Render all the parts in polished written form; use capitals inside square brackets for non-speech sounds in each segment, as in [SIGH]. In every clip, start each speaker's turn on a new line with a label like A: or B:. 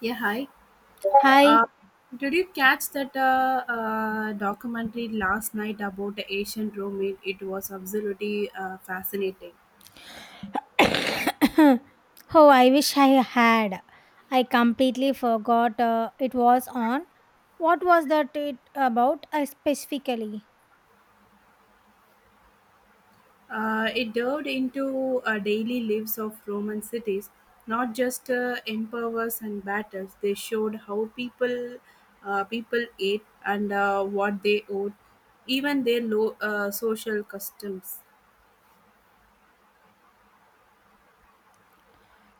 A: Yeah, hi.
B: Hi.
A: Uh, did you catch that documentary last night about the ancient Rome? It was absolutely fascinating.
B: [COUGHS] Oh, I wish I had. I completely forgot it was on. What was that it about specifically?
A: It delved into daily lives of Roman cities, not just empires and battles. They showed how people ate and what they owed, even their social customs.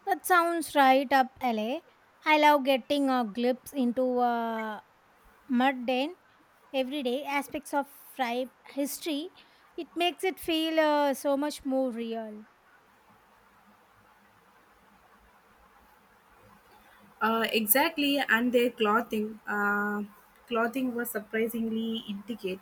B: That sounds right up LA. I love getting a glimpse into mundane, everyday aspects of tribe history. It makes it feel so much more real.
A: Exactly, and their clothing. Clothing was surprisingly intricate.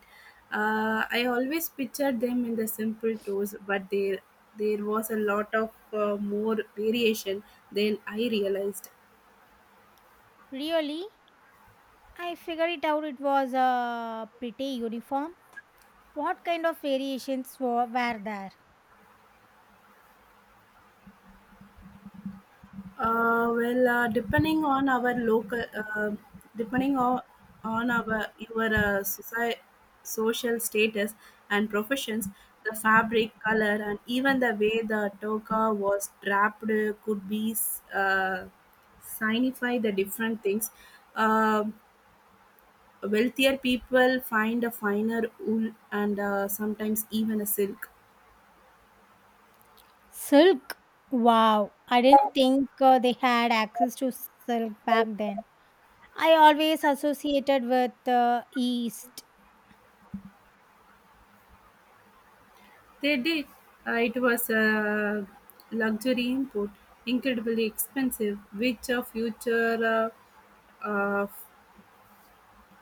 A: I always pictured them in the simple clothes, but there was a lot of more variation than I realized.
B: Really, I figured it out. It was pretty uniform. What kind of variations were there?
A: Well, depending on our depending on our your society, social status and professions, the fabric, color, and even the way the toka was draped could be uh, signify the different things. Uh, Wealthier people find a finer wool and sometimes even a silk.
B: Silk? Wow, I didn't think they had access to silk back then. I always associated with the East.
A: They did. It was a luxury import, incredibly expensive, which a future uh, uh,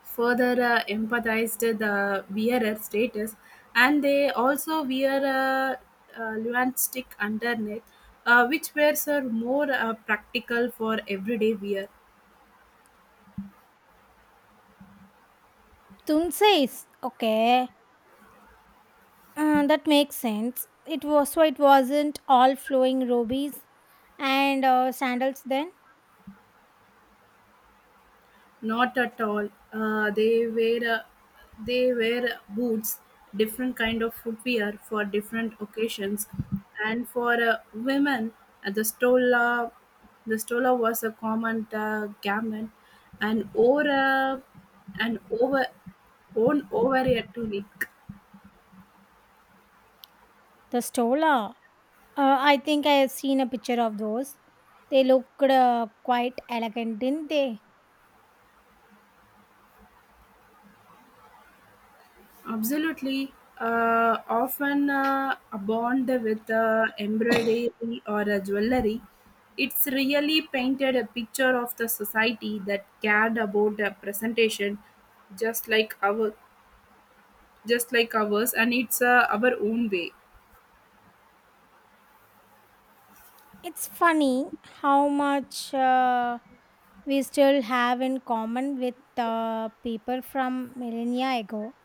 A: further empathized the wearer status, and they also wear a luan stick underneath, which wears are more practical for everyday wear.
B: Tunsays, okay, that makes sense. It was so it wasn't all flowing rubies and sandals then.
A: Not at all. They wear boots, different kind of footwear for different occasions, and for women, uh, the stola the stola was a common garment, and over worn over a tunic.
B: The stola, I think I have seen a picture of those. They looked quite elegant, didn't they?
A: Absolutely. Often adorned with embroidery or jewelry, it's really painted a picture of the society that cared about the presentation, just like our, just like ours, and it's our own way.
B: It's funny how much we still have in common with people from millennia ago.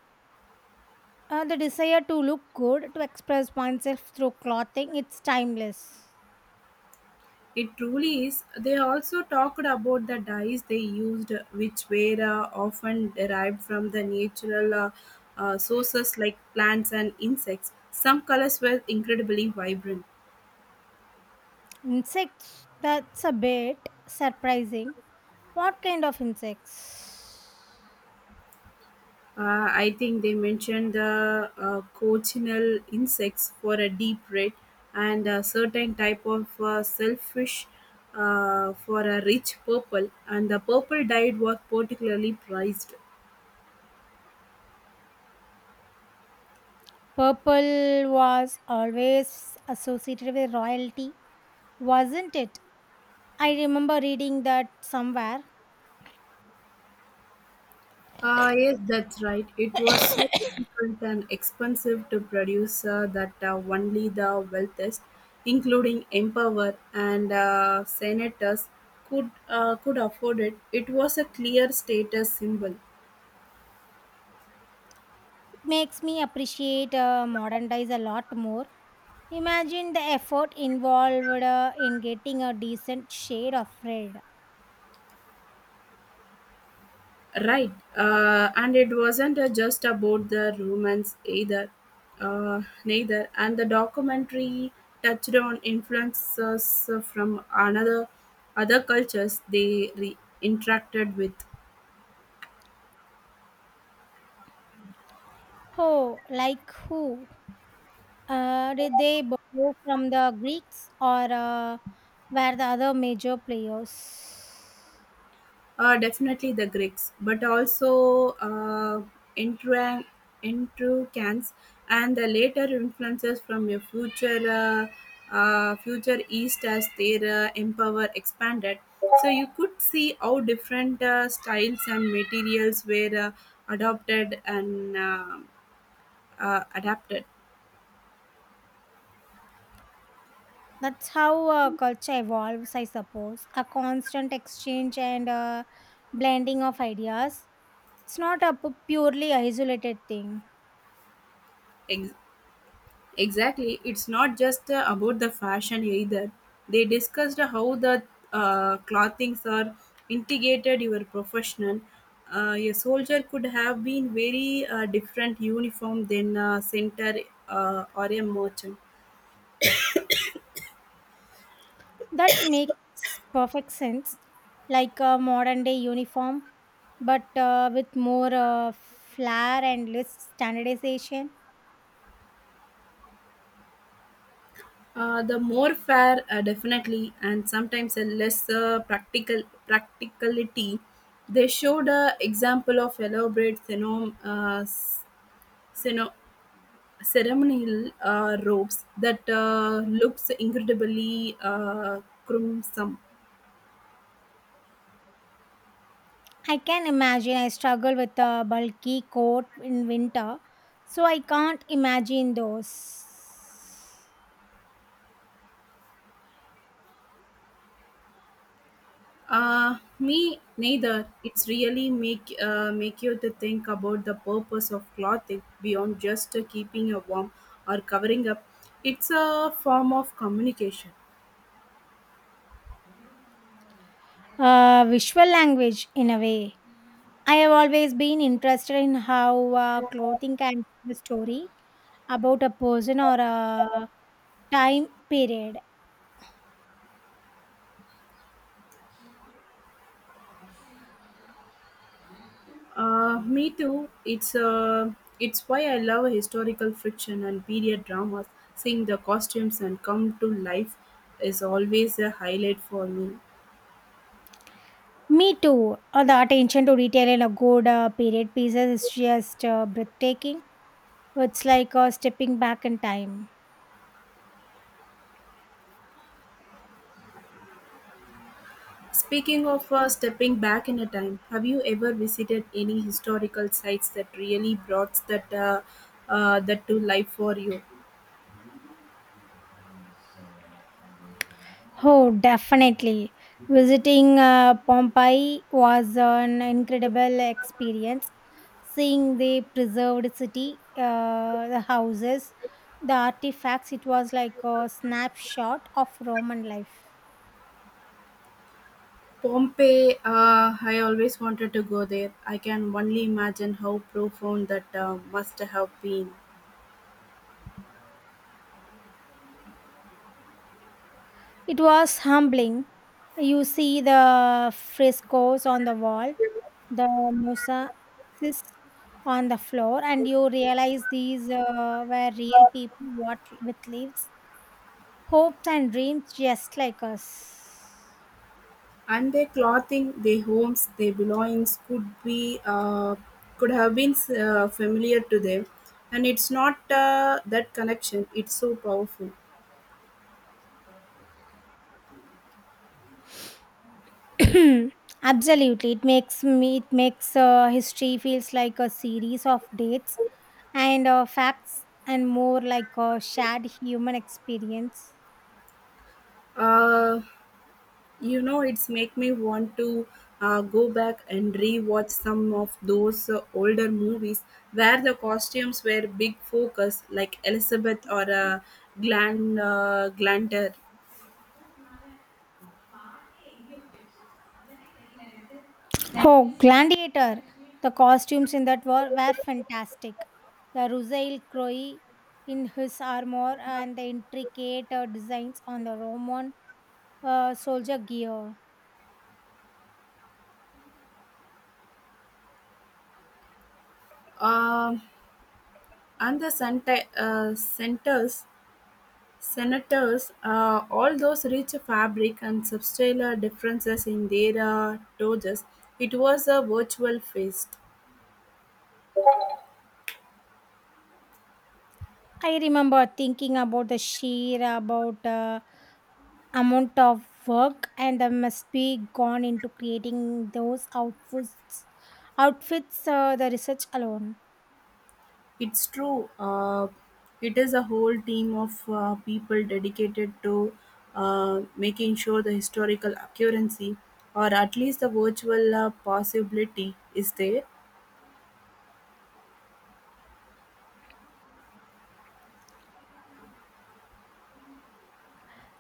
B: The desire to look good, to express oneself through clothing, it's timeless.
A: It truly is. They also talked about the dyes they used, which were often derived from the natural sources like plants and insects. Some colors were incredibly vibrant.
B: Insects, that's a bit surprising. What kind of insects?
A: I think they mentioned the cochineal insects for a deep red and a certain type of selfish for a rich purple, and the purple dye was particularly prized.
B: Purple was always associated with royalty, wasn't it? I remember reading that somewhere.
A: Ah, yes, that's right. It was so difficult and expensive to produce that only the wealthiest, including emperor and senators, could afford it. It was a clear status symbol.
B: Makes me appreciate modern dyes a lot more. Imagine the effort involved in getting a decent shade of red.
A: Right. And it wasn't just about the Romans either, neither. And the documentary touched on influences from another other cultures they interacted with.
B: Oh, like who? Did they borrow from the Greeks or were the other major players?
A: Definitely the Greeks, but also Intruan- Intrujans and the later influences from a future East as their empire expanded. So you could see how different styles and materials were adopted and adapted.
B: That's how culture evolves, I suppose. A constant exchange and blending of ideas. It's not a purely isolated thing.
A: Ex- Exactly. It's not just about the fashion either. They discussed how the clothings are integrated your professional. A soldier could have been very different uniform than a center or a merchant.
B: That makes perfect sense, like a modern day uniform, but with more flair and less standardization.
A: The more fair, definitely, and sometimes a less practicality. They showed a example of elaborate syno- ceremonial robes that looks incredibly crimson.
B: I can imagine I struggle with a bulky coat in winter, so I can't imagine those.
A: Me neither. It's really make you to think about the purpose of clothing beyond just keeping you warm or covering up. It's a form of communication.
B: Visual language, in a way. I have always been interested in how clothing can tell a story about a person or a time period.
A: Me too. It's why I love historical fiction and period dramas. Seeing the costumes and come to life is always a highlight for me.
B: Me too. The attention to detail in a good period pieces is just breathtaking. It's like stepping back in time.
A: Speaking of stepping back in a time, have you ever visited any historical sites that really brought that to life for you?
B: Oh, definitely. Visiting Pompeii was an incredible experience. Seeing the preserved city, the houses, the artifacts, it was like a snapshot of Roman life.
A: Pompeii, I always wanted to go there. I can only imagine how profound that must have been.
B: It was humbling. You see the frescoes on the wall, the mosaics on the floor, and you realize these were real people what with lives, hopes, and dreams just like us.
A: And their clothing, their homes, their belongings could have been familiar to them. And it's not that connection; it's so powerful.
B: [CLEARS THROAT] Absolutely, it makes history feels like a series of dates and facts, and more like a shared human experience.
A: Uh, You know, it's make me want to go back and rewatch some of those older movies where the costumes were big focus, like Elizabeth or Glanter.
B: Oh, Gladiator! The costumes in that were fantastic. The Rusail Croy in his armor and the intricate designs on the Roman soldier gear.
A: Um and the center, senators. All those rich fabric and substantial differences in their toges. It was a virtual feast.
B: I remember thinking about the sheer about amount of work and that must be gone into creating those outfits. Outfits, the research alone.
A: It's true. It is a whole team of people dedicated to making sure the historical accuracy, or at least the virtual possibility, is there.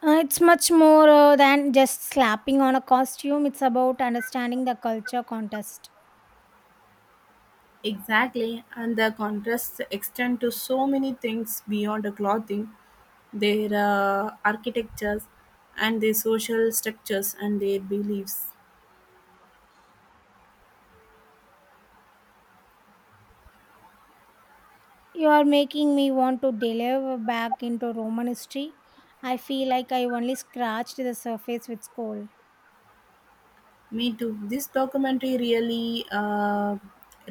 B: It's much more than just slapping on a costume. It's about understanding the culture contest.
A: Exactly, and the contrasts extend to so many things beyond the clothing, their architectures, and their social structures and their beliefs.
B: You are making me want to delve back into Roman history. I feel like I only scratched the surface with school.
A: Me too. This documentary really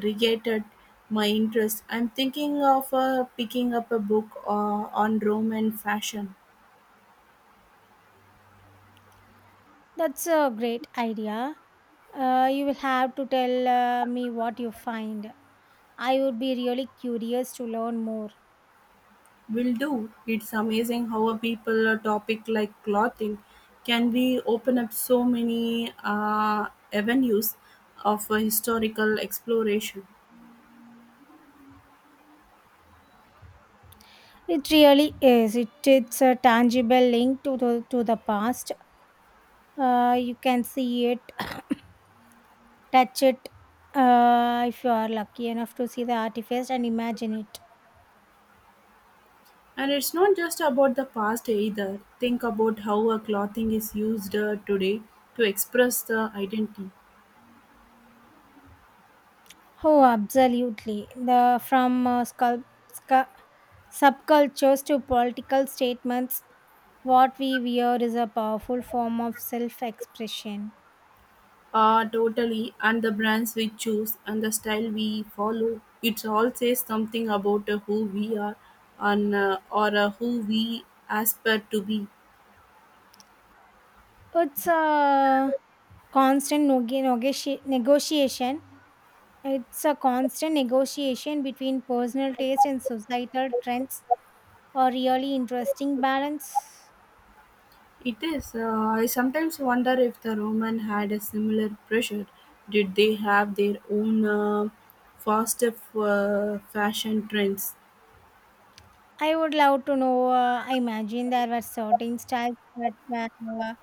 A: regated my interest. I'm thinking of picking up a book on Roman fashion.
B: That's a great idea. You will have to tell me what you find. I would be really curious to learn more.
A: Will do. It's amazing how a people a topic like clothing can be open up so many avenues of historical exploration.
B: It really is. It's a tangible link to the past. You can see it, touch it, if you are lucky enough to see the artifact and imagine it.
A: And it's not just about the past either. Think about how a clothing is used today to express the identity.
B: Oh, absolutely. The From scu- subcultures to political statements, what we wear is a powerful form of self-expression.
A: Totally. And the brands we choose and the style we follow, it all says something about who we are and or who we aspire to be.
B: It's a constant negotiation. It's a constant negotiation between personal taste and societal trends. A really interesting balance.
A: It is. I sometimes wonder if the Roman had a similar pressure. Did they have their own fashion trends?
B: I would love to know. I imagine there were certain styles that were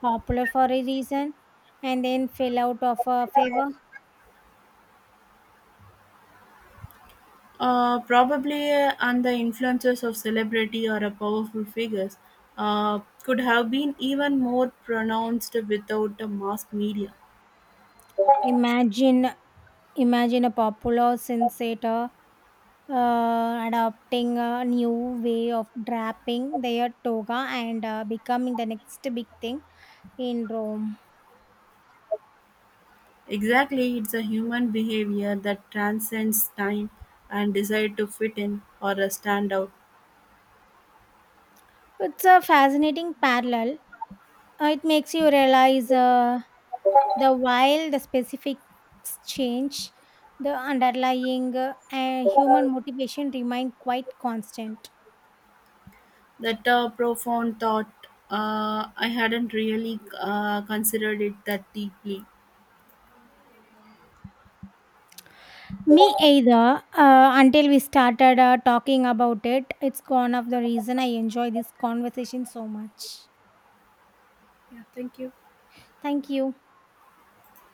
B: popular for a reason and then fell out of favor.
A: Probably and the influences of celebrity or a powerful figures could have been even more pronounced without the mass media.
B: Imagine, imagine a popular sensator adopting a new way of draping their toga and becoming the next big thing in Rome.
A: Exactly, it's a human behavior that transcends time and desire to fit in or stand out.
B: It's a fascinating parallel. It makes you realize. The While the specifics change, the underlying human motivation remained quite constant.
A: That profound thought, I hadn't really considered it that deeply.
B: Me either. Until we started talking about it, it's one of the reason I enjoy this conversation so much.
A: Yeah, thank you.
B: Thank you.